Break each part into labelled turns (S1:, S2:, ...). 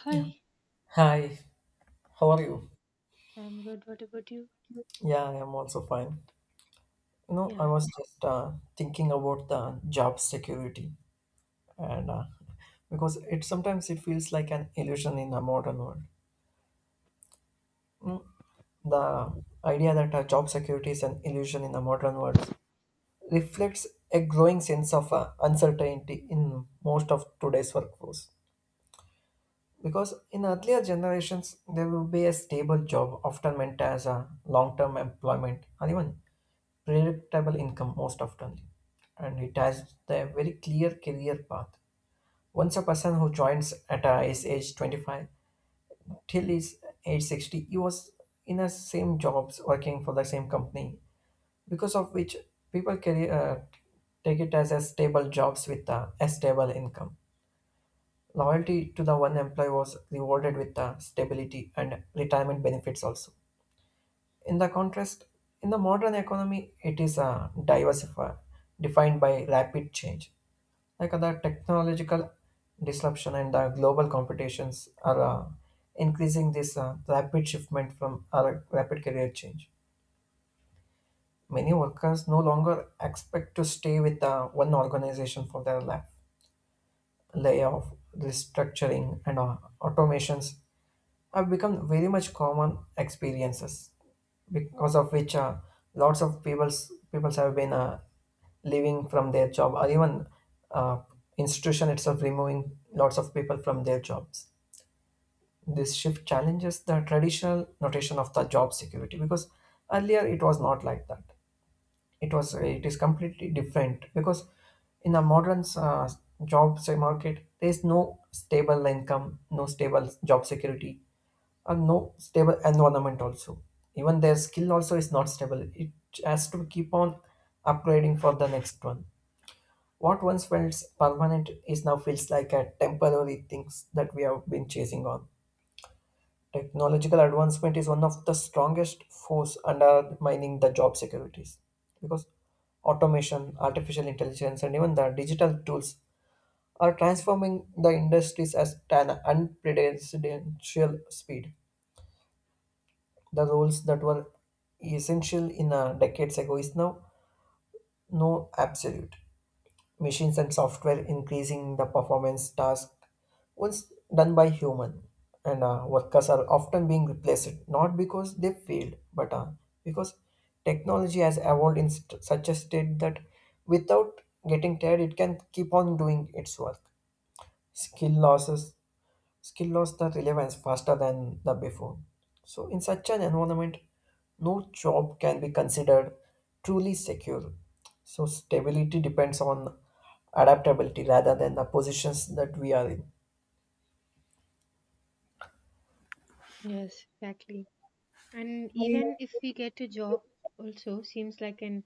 S1: Hi,
S2: Hi, how are
S1: Hi,
S2: you?
S1: I'm good. What about you?
S2: Yeah, I am also fine. I
S1: Yeah,
S2: was just thinking about the job security, and because it sometimes it feels like an illusion in the modern world. The idea that job security is an illusion in the modern world reflects a growing sense of uncertainty in most of today's workforce. Because in earlier generations, there would be a stable job, often meant as a long term employment, and even predictable income most often. And it has a very clear career path. Once a person who joins at his age 25 till his age 60, he was in the same jobs, working for the same company, because of which people take it as a stable jobs with a stable income. Loyalty to the one employee was rewarded with the stability and retirement benefits also. In the contrast, in the modern economy, it is a diversified, defined by rapid change. Like other technological disruption and the global competitions are increasing this rapid shiftment from our rapid career change. Many workers no longer expect to stay with one organization for their life. Layoff, restructuring, and automations have become very much common experiences because of which lots of people's peoples have been leaving from their job or even uh, institution itself removing lots of people from their jobs. This shift challenges the traditional notation of the job security because earlier it was not like that. It is completely different because in the modern market there is no stable income, no stable job security, and no stable environment also. Even their skill also is not stable. It has to keep on upgrading for the next one. What once felt permanent is now feels like a temporary things that we have been chasing on. Technological advancement is one of the strongest force undermining the job securities because automation, artificial intelligence, and even the digital tools are transforming the industries at an unprecedented speed. The roles that were essential in decades ago is now no absolute. Machines and software increasing the performance task once done by human, and workers are often being replaced, not because they failed but because technology has evolved in such a state that without getting tired it can keep on doing its work. skill losses Skill lost the relevance faster than the before. So, in such an environment, no job can be considered truly secure. So, stability depends on adaptability rather than the positions that we are in.
S1: yes, exactly. And even if we get a job, also seems like an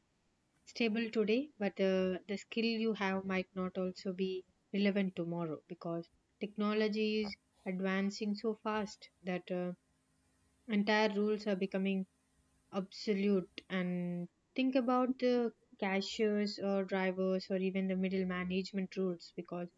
S1: stable today, but the skill you have might not also be relevant tomorrow because technology is advancing so fast that entire rules are becoming obsolete. And think about the cashiers or drivers or even the middle management rules because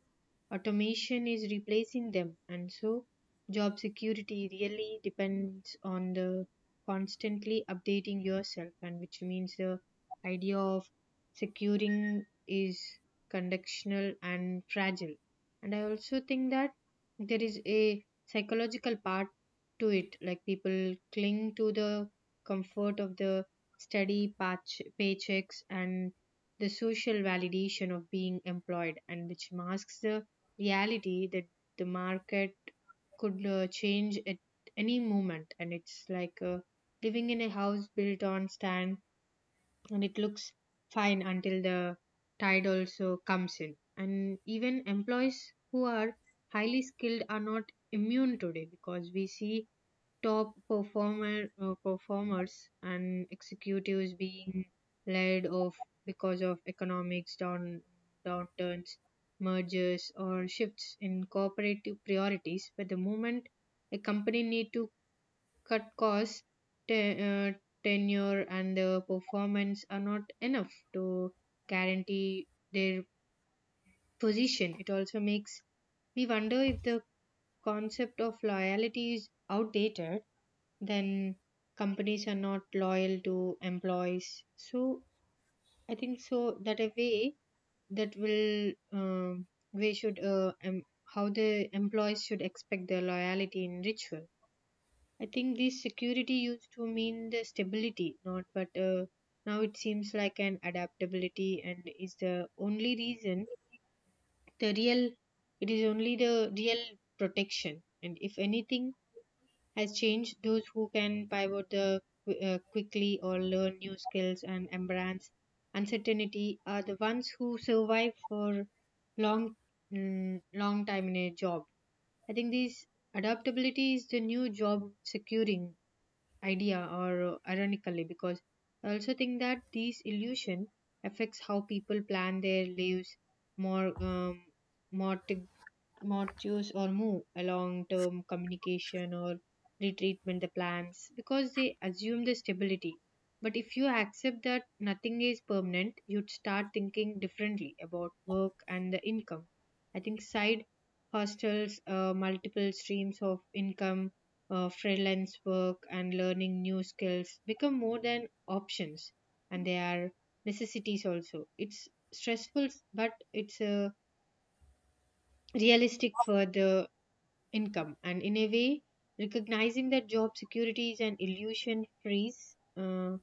S1: automation is replacing them, and so job security really depends on the constantly updating yourself, and which means the idea of securing is conditional and fragile. And I also think that there is a psychological part to it, like people cling to the comfort of the steady patch, paychecks and the social validation of being employed and which masks the reality that the market could change at any moment, and it's like living in a house built on sand, and it looks fine until the tide also comes in. And even employees who are highly skilled are not immune today, because we see top performer performers and executives being laid off because of economics downturns, mergers, or shifts in corporate priorities. But the moment a company need to cut costs, te- uh, tenure and the performance are not enough to guarantee their position. It also makes me wonder if the concept of loyalty is outdated. Then companies are not loyal to employees, so I think so that a way that will um, we should how the employees should expect their loyalty in ritual. I think this security used to mean the stability not, but now it seems like an adaptability, and is the only reason the real, it is only the real protection, and if anything has changed. Those who can pivot quickly or learn new skills and embrace uncertainty are the ones who survive for long, long time in a job. I think this adaptability is the new job securing idea, or ironically, because I also think that this illusion affects how people plan their lives more, more modules or move along term communication or retreatment the plans, because they assume the stability. But if you accept that nothing is permanent, you'd start thinking differently about work and the income. I think side hostels, multiple streams of income, freelance work and learning new skills become more than options, and they are necessities also. It's stressful, but it's a realistic for the income. And in a way, recognizing that job security is an illusion frees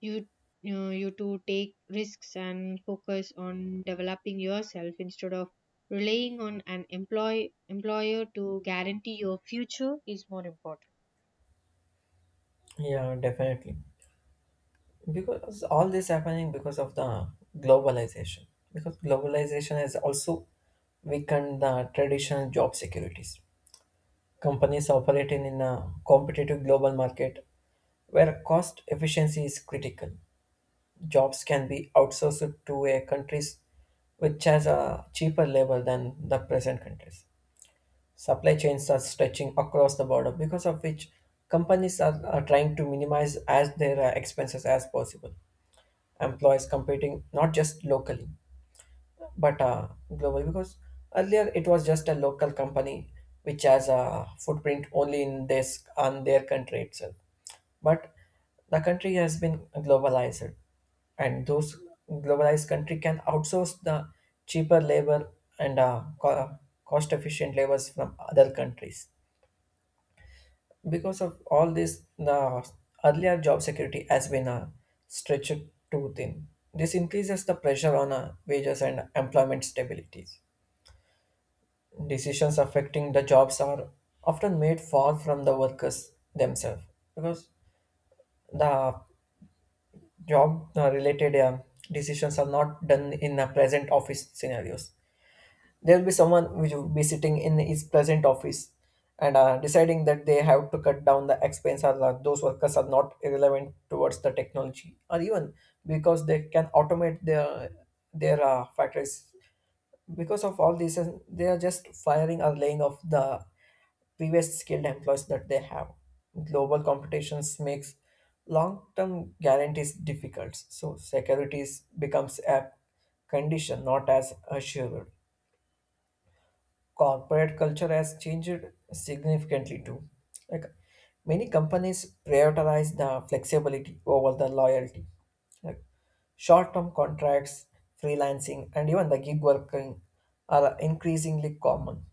S1: you you to take risks and focus on developing yourself instead of relying on an employer to guarantee your future is more important.
S2: Yeah, definitely. Because all this happening because of the globalization. Because globalization has also weakened the traditional job securities. Companies operating in a competitive global market where cost efficiency is critical. Jobs can be outsourced to a countries which has a cheaper labor than the present countries. Supply chains are stretching across the border because of which companies are trying to minimize as their expenses as possible. Employees competing not just locally but global because earlier it was just a local company which has a footprint only in this on their country itself, but the country has been globalized and those globalized country can outsource the cheaper labor and cost efficient labors from other countries. Because of all this the earlier job security has been stretched too thin. This increases the pressure on wages and employment stability. Decisions affecting the jobs are often made far from the workers themselves because the job related decisions are not done in the present office scenarios. There will be someone which will be sitting in his present office and deciding that they have to cut down the expense, or that those workers are not relevant towards the technology, or even because they can automate their factories. Because of all this and they are just firing or laying off the previous skilled employees that they have. Global competitions makes long-term guarantees difficult, so securities becomes a condition not as assured. Corporate culture has changed significantly too. Like many companies prioritize the flexibility over the loyalty. Like short-term contracts, freelancing, and even the gig working are increasingly common.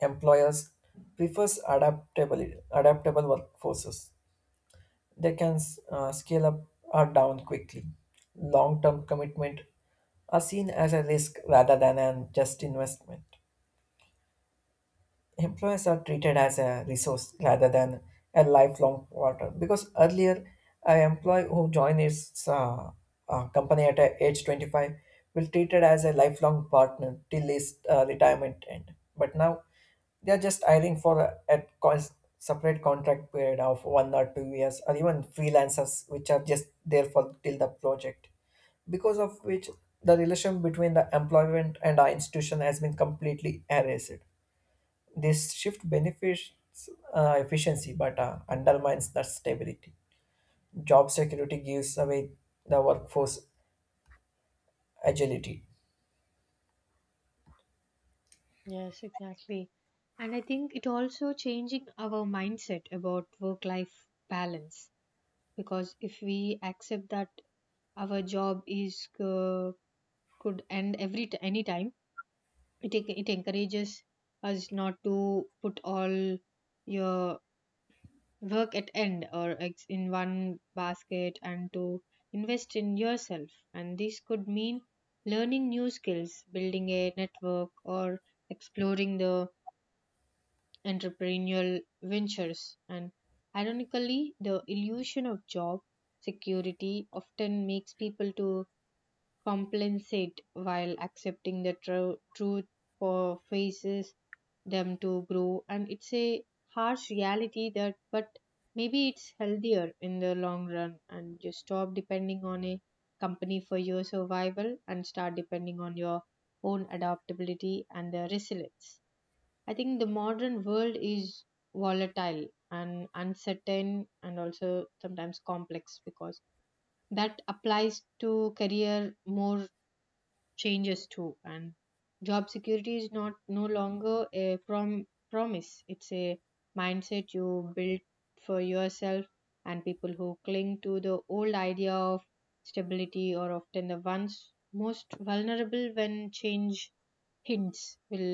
S2: Employers prefers adaptable workforces. They can scale up or down quickly. Long-term commitment are seen as a risk rather than an just investment. Employees are treated as a resource rather than a lifelong partner because earlier an employee who joined his company at age 25 will treated as a lifelong partner till his retirement end. But now they are just hiring for a separate contract period of 1 or 2 years or even freelancers which are just there for till the project, because of which the relation between the employment and the institution has been completely erased. This shift benefits efficiency but undermines that stability. Job security gives away the workforce agility.
S1: Yes, exactly. And I think it also changing our mindset about work life balance, because if we accept that our job is, could end every any time, it encourages us not to put all your work at end or in one basket and to invest in yourself. And this could mean learning new skills, building a network, or exploring the entrepreneurial ventures. And ironically the illusion of job security often makes people to compensate while accepting the truth for faces them to grow. And it's a harsh reality that, but maybe it's healthier in the long run, and you stop depending on a company for your survival and start depending on your own adaptability and the resilience. I think the modern world is volatile and uncertain and also sometimes complex, because that applies to career more changes too. And job security is not no longer a promise, it's a mindset you build for yourself. And people who cling to the old idea of stability are often the ones most vulnerable when change hints will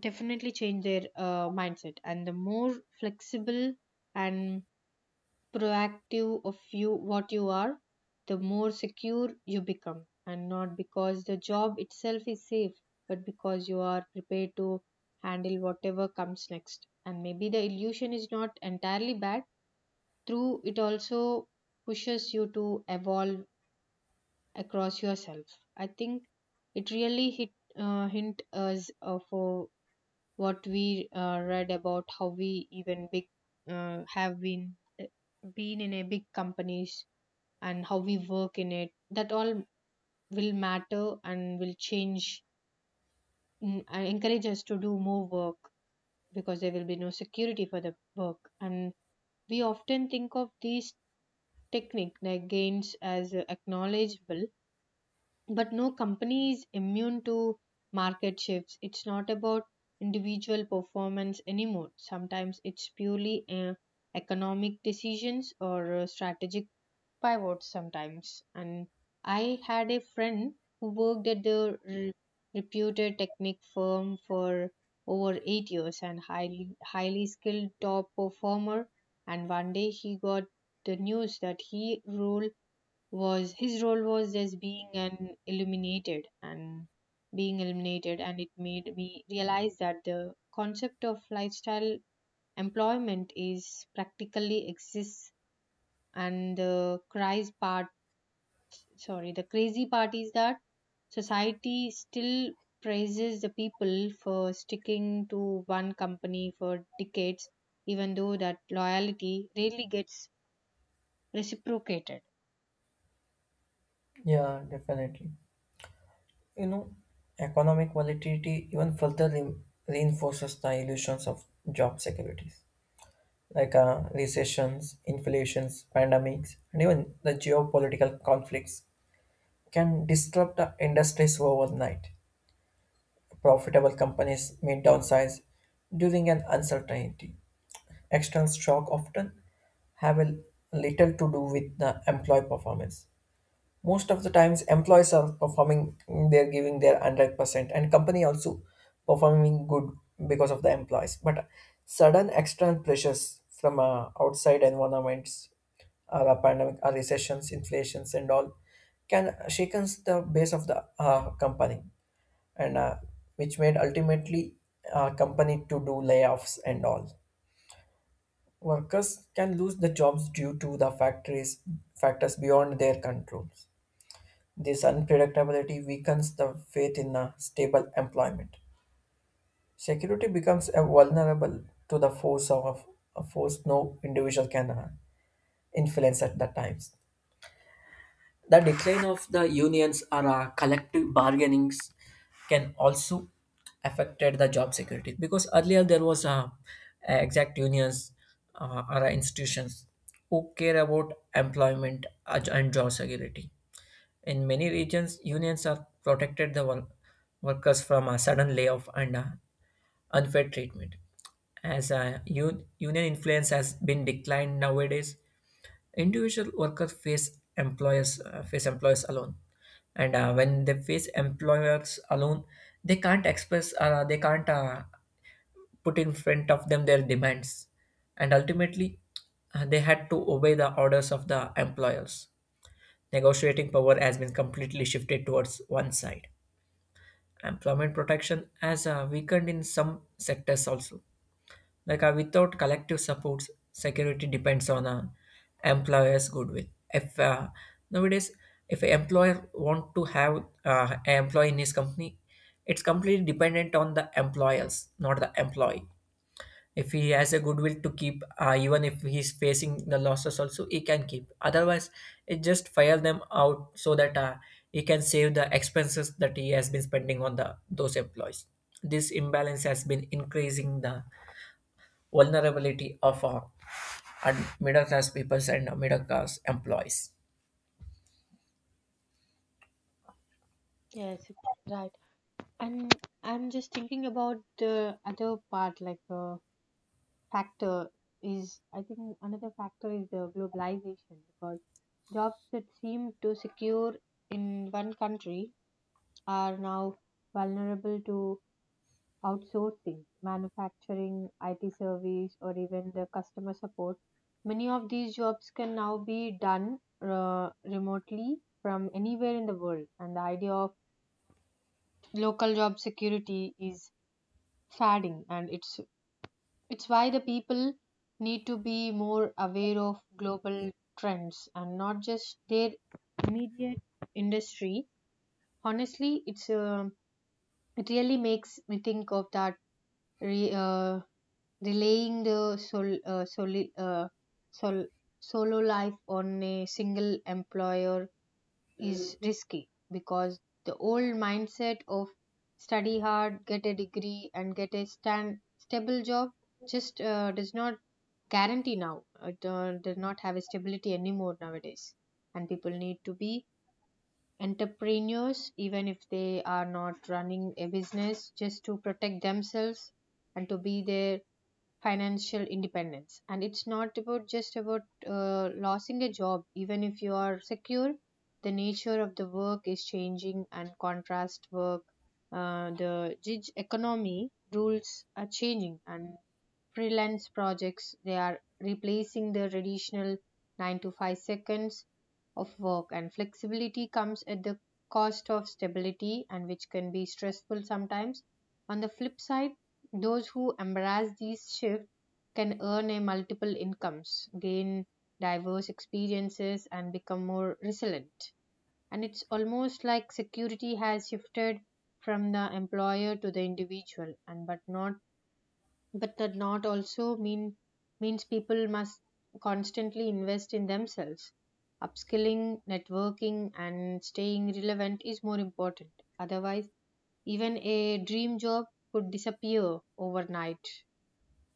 S1: definitely change their mindset, and the more flexible and proactive of you what you are, the more secure you become. And not because the job itself is safe, but because you are prepared to handle whatever comes next. And maybe the illusion is not entirely bad. Through it also pushes you to evolve across yourself. I think it really hit hint us of what we read about, how we even big have uh, been in a big companies, and how we work in it, that all will matter and will change, and encourage us to do more work, because there will be no security for the work. And we often think of these technique like gains as acknowledgeable, but no company is immune to market shifts. It's not about individual performance anymore, sometimes it's purely economic decisions or strategic pivot sometimes. And I had a friend who worked at the reputed technique firm for over 8 years, and highly skilled top performer. And one day he got the news that he role was his role was just being eliminated, and it made me realize that the concept of lifestyle employment is practically exists. And the crazy part is that society still praises the people for sticking to one company for decades, even though that loyalty rarely gets reciprocated.
S2: Yeah, definitely. You know, economic volatility even further reinforces the illusions of job securities, like recessions, inflations, pandemics, and even the geopolitical conflicts can disrupt the industries overnight. Profitable companies may downsize during an uncertainty. External shock often have a little to do with the employee performance. Most of the times, employees are performing; they're giving their 100%, and company also performing good because of the employees. But sudden external pressures from outside environments, or a pandemic, or recessions, inflations, and all, can shakens the base of the company, and which made ultimately company to do layoffs and all. Workers can lose the jobs due to the factories factors beyond their controls. This unpredictability weakens the faith in a stable employment. Security becomes a vulnerable to the force of a force no individual can influence at the times. The decline of the unions or collective bargainings can also affected the job security because earlier there was exact unions or institutions who care about employment and job security. In many regions, unions are protected the workers from a sudden layoff and unfair treatment. As a union influence has been declined nowadays, individual workers face employers alone, and when they face employers alone they can't express they can't put in front of them their demands, and ultimately they had to obey the orders of the employers. Negotiating power has been completely shifted towards one side. Employment protection has weakened in some sectors also, like without collective supports, security depends on employer's goodwill. If nowadays, if an employer want to have an employee in his company, it's completely dependent on the employers, not the employee. If he has a goodwill to keep, even if he's facing the losses, also he can keep. Otherwise, it just fire them out so that he can save the expenses that he has been spending on the those employees. This imbalance has been increasing the vulnerability of and middle class peoples and middle class employees.
S1: Yes, right. And I'm just thinking about the other part, like factor I think another factor is the globalization, because jobs that seem to secure in one country are now vulnerable to outsourcing, manufacturing, IT service, or even the customer support. Many of these jobs can now be done remotely from anywhere in the world, and the idea of local job security is fading, and it's why the people need to be more aware of global trends and not just their immediate industry. Honestly, it really makes me think of that re, uh, relaying the sol- solo life on a single employer is risky, because the old mindset of study hard, get a degree, and get a stable job just does not guarantee now. It does not have a stability anymore nowadays. And people need to be entrepreneurs even if they are not running a business, just to protect themselves and to be there financial independence. And it's not about just about losing a job. Even if you are secure, the nature of the work is changing, and contrast work, the gig economy rules are changing, and freelance projects they are replacing the traditional 9 to 5 seconds of work. And flexibility comes at the cost of stability, and which can be stressful sometimes. On the flip side, those who embrace these shifts can earn a multiple incomes, gain diverse experiences, and become more resilient. And it's almost like security has shifted from the employer to the individual. And but not, but that not also mean means people must constantly invest in themselves. Upskilling, networking, and staying relevant is more important, otherwise even a dream job could disappear overnight.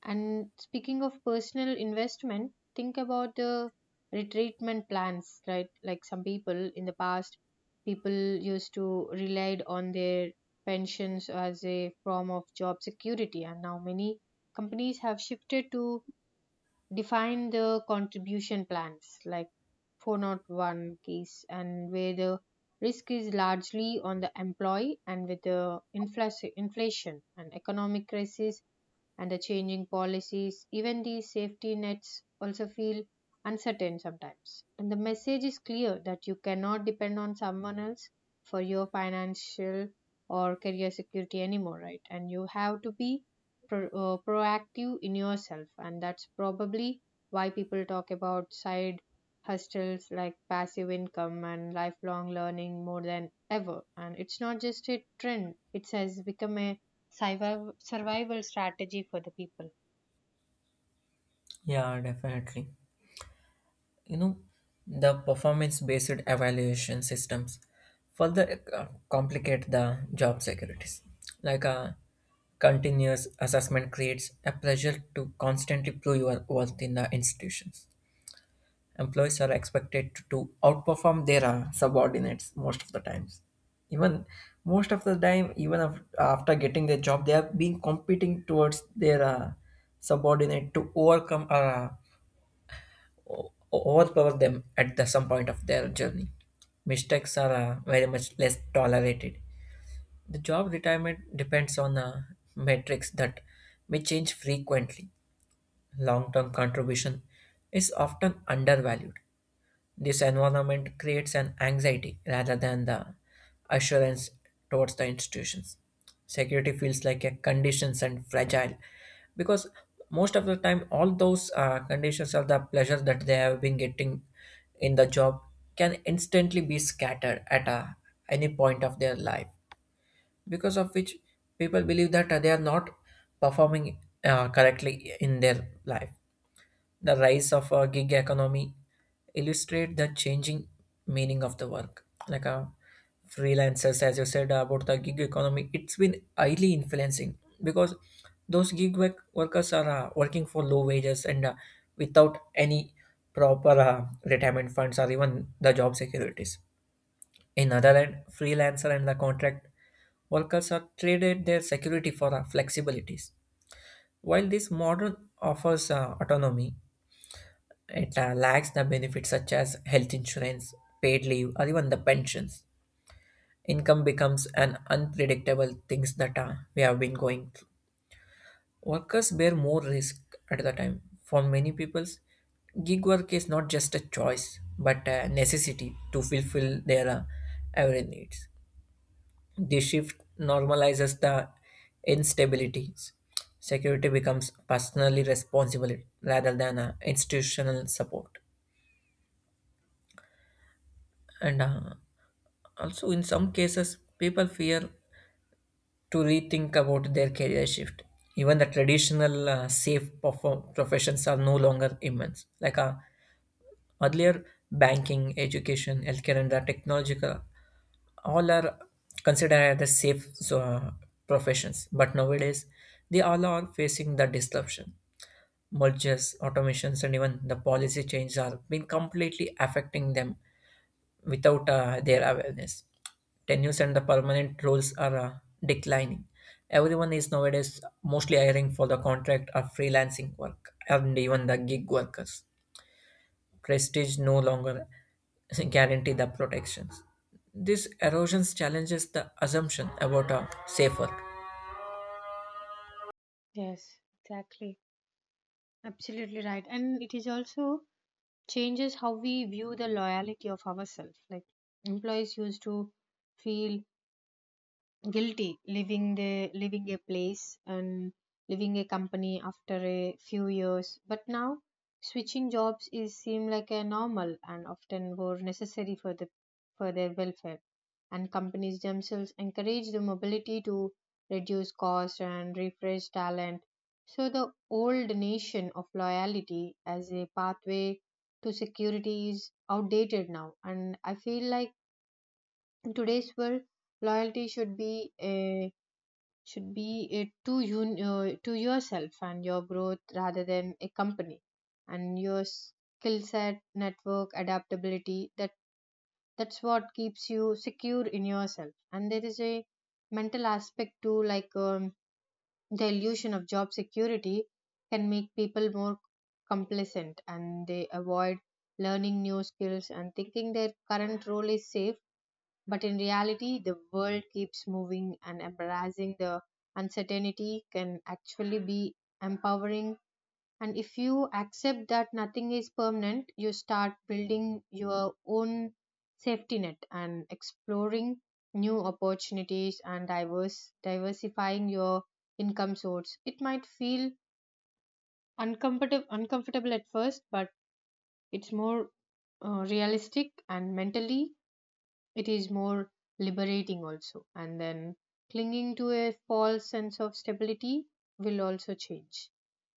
S1: And speaking of personal investment, think about the retreatment plans, right? Like some people in the past, people used to relied on their pensions as a form of job security, and now many companies have shifted to define the contribution plans, like 401 case, and where the risk is largely on the employee. And with the inflation and economic crisis and the changing policies, even these safety nets also feel uncertain sometimes. And the message is clear that you cannot depend on someone else for your financial or career security anymore, right? And you have to be proactive in yourself, and that's probably why people talk about side hustles like passive income and lifelong learning more than ever. And it's not just a trend, it has become a survival strategy for the people.
S2: Yeah, definitely. You know, the performance based evaluation systems further complicate the job securities. Like a continuous assessment creates a pressure to constantly prove your worth in the institutions. Employees are expected to outperform their subordinates most of the times, even most of the time, even after getting their job they have been competing towards their subordinate to overcome or overpower them at the some point of their journey. Mistakes are very much less tolerated. The job retirement depends on metrics that may change frequently. Long-term contribution is often undervalued. This environment creates an anxiety rather than the assurance towards the institutions. Security feels like a conditions and fragile because most of the time all those conditions or the pleasure that they have been getting in the job can instantly be scattered at any point of their life, because of which people believe that they are not performing correctly in their life. The rise of a gig economy illustrate the changing meaning of the work. Like freelancers, as you said about the gig economy, it's been highly influencing because those workers are working for low wages and without any proper retirement funds or even the job securities. In other hand, freelancer and the contract workers are traded their security for flexibilities. While this model offers autonomy, it lacks the benefits such as health insurance, paid leave, or even the pensions. Income becomes an unpredictable things that we have been going through. Workers bear more risk at the time. For many people, gig work is not just a choice but a necessity to fulfill their every needs. This shift normalizes the instabilities. Security becomes personally responsible rather than institutional support, and also, in some cases, people fear to rethink about their career shift. Even the traditional safe professions are no longer immense. Like earlier, banking, education, healthcare, and the technological all are considered as safe professions. But nowadays, they all are facing the disruption, mergers, automations, and even the policy changes are been completely affecting them without their awareness. Tenures and the permanent roles are declining. Everyone is nowadays mostly hiring for the contract or freelancing work and even the gig workers. Prestige no longer guarantee the protections. This erosions challenges the assumption about a safe work.
S1: Yes, exactly. Absolutely right. And it is also changes how we view the loyalty of ourselves. Like employees used to feel guilty leaving a place and leaving a company after a few years, but now switching jobs is seem like a normal and often more necessary for the for their welfare. And companies themselves encourage the mobility to reduce cost and refresh talent, so the old notion of loyalty as a pathway to security is outdated now. And I feel like in today's world, loyalty should be a, should be it to you to yourself and your growth rather than a company. And your skill set network adaptability, that's what keeps you secure in yourself. And there is a mental aspect too, like the illusion of job security can make people more complacent, and they avoid learning new skills and thinking their current role is safe. But in reality, the world keeps moving, and embracing the uncertainty can actually be empowering. And if you accept that nothing is permanent, you start building your own safety net and exploring new opportunities and diverse diversifying your income source. It might feel uncomfortable at first, but it's more, realistic, and mentally it is more liberating also. And then clinging to a false sense of stability will also change.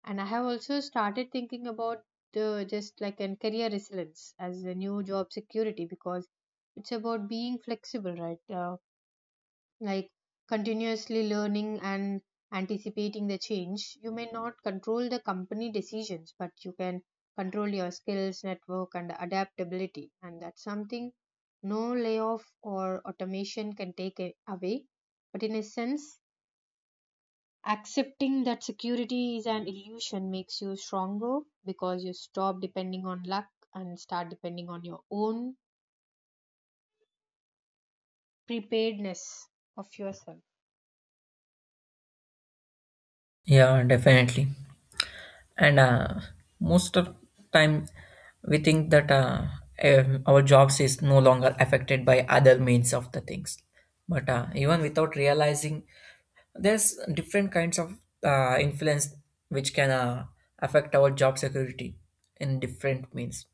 S1: And I have also started thinking about the just like and career resilience as a new job security, because it's about being flexible, right? Like, continuously learning and anticipating the change. You may not control the company decisions, but you can control your skills, network, and adaptability. And that's something no layoff or automation can take away. But in a sense, accepting that security is an illusion makes you stronger, because you stop depending on luck and start depending on your own preparedness of yourself.
S2: Yeah, definitely. And most of time we think that our jobs is no longer affected by other means of the things, but even without realizing there's different kinds of influence which can affect our job security in different means.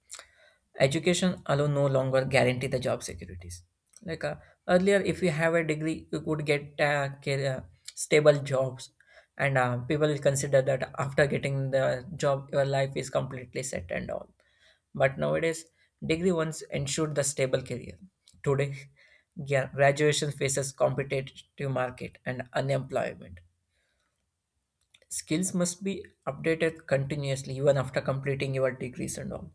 S2: Education alone no longer guarantee the job securities. Like earlier, if you have a degree, you could get stable jobs, and people will consider that after getting the job, your life is completely set and all. But nowadays, degree once ensured the stable career. Today, graduation faces competitive market and unemployment. Skills must be updated continuously even after completing your degrees and all.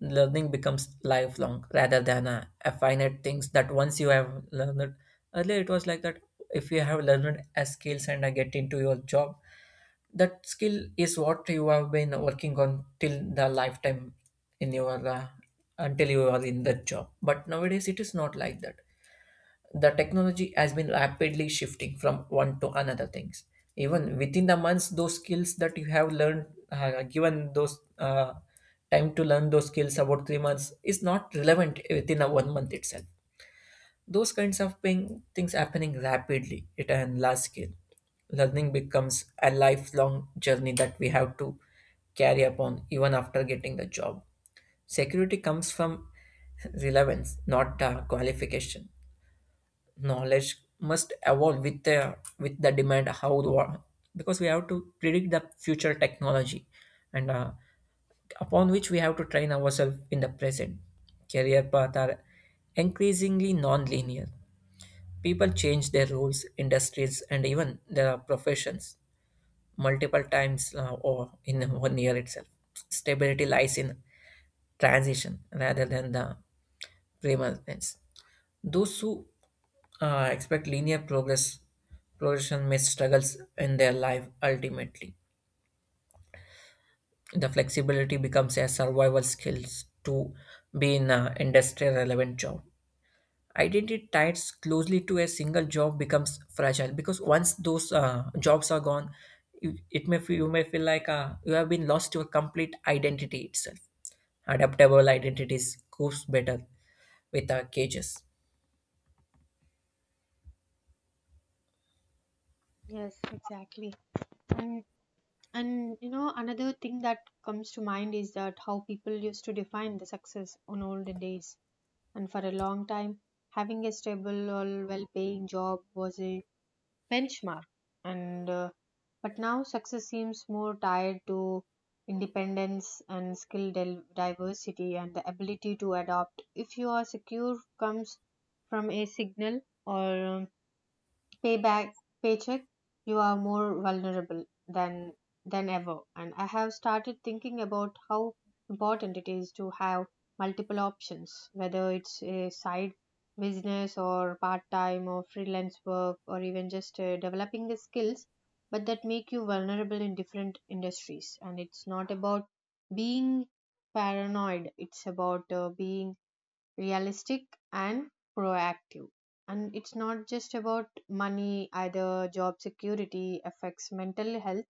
S2: Learning becomes lifelong rather than a finite things that once you have learned it. Earlier it was like that. If you have learned a skills and get into your job, that skill is what you have been working on till the lifetime in your until you are in that job. But nowadays it is not like that. The technology has been rapidly shifting from one to another things. Even within the months, those skills that you have learned given those time to learn those skills about 3 months is not relevant within a 1 month itself. Those kinds of things happening rapidly at a large scale. Learning becomes a lifelong journey that we have to carry upon even after getting the job. Security comes from relevance not qualification. Knowledge must evolve with the demand how the world, because we have to predict the future technology, and upon which we have to train ourselves in the present. Career paths are increasingly non-linear. People change their roles industries and even their professions multiple times or in 1 year itself. Stability lies in transition rather than the permanence. Those who expect linear progression may struggle in their life ultimately. The flexibility becomes a survival skill to be in an industry relevant job. Identity tied closely to a single job becomes fragile because once those jobs are gone, you may feel like you have been lost your complete identity itself. Adaptable identities goes better with cages.
S1: Yes, exactly. And And you know, another thing that comes to mind is that how people used to define the success on olden days. And for a long time, having a stable or well-paying job was a benchmark. And but now success seems more tied to independence and skill diversity and the ability to adapt. If you are secure comes from a signal or, payback paycheck, you are more vulnerable than ever. And I have started thinking about how important it is to have multiple options, whether it's a side business or part-time or freelance work, or even just developing the skills but that make you vulnerable in different industries. And it's not about being paranoid, it's about being realistic and proactive. And it's not just about money either, job security affects mental health,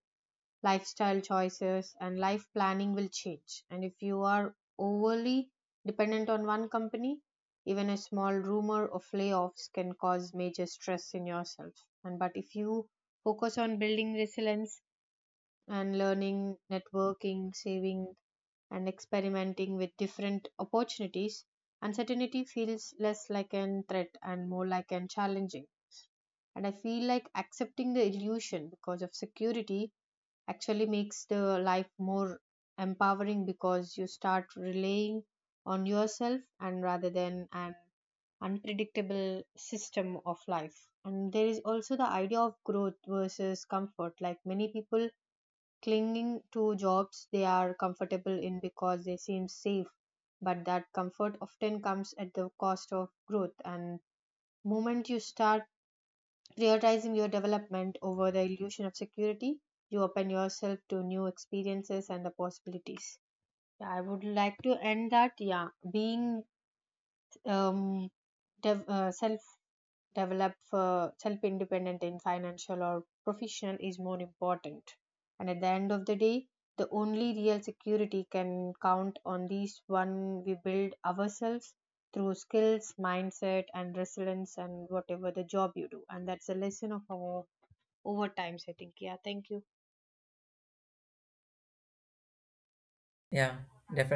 S1: lifestyle choices, and life planning will change. And if you are overly dependent on one company, even a small rumor of layoffs can cause major stress in yourself. And but if you focus on building resilience, and learning, networking, saving, and experimenting with different opportunities. Uncertainty feels less like an threat and more like an challenging. And I feel like accepting the illusion because of security actually makes the life more empowering, because you start relying on yourself and rather than an unpredictable system of life. And there is also the idea of growth versus comfort. Like many people clinging to jobs they are comfortable in because they seem safe, but that comfort often comes at the cost of growth. And moment you start prioritizing your development over the illusion of security, you open yourself to new experiences and the possibilities. Yeah, I would like to end that. Yeah, being, um dev- uh, self self independent in financial or professional is more important. And at the end of the day, the only real security can count on these one we build ourselves through skills, mindset, and resilience, and whatever the job you do. And that's a lesson of our overtimes, I think. Yeah, thank you.
S2: Yeah,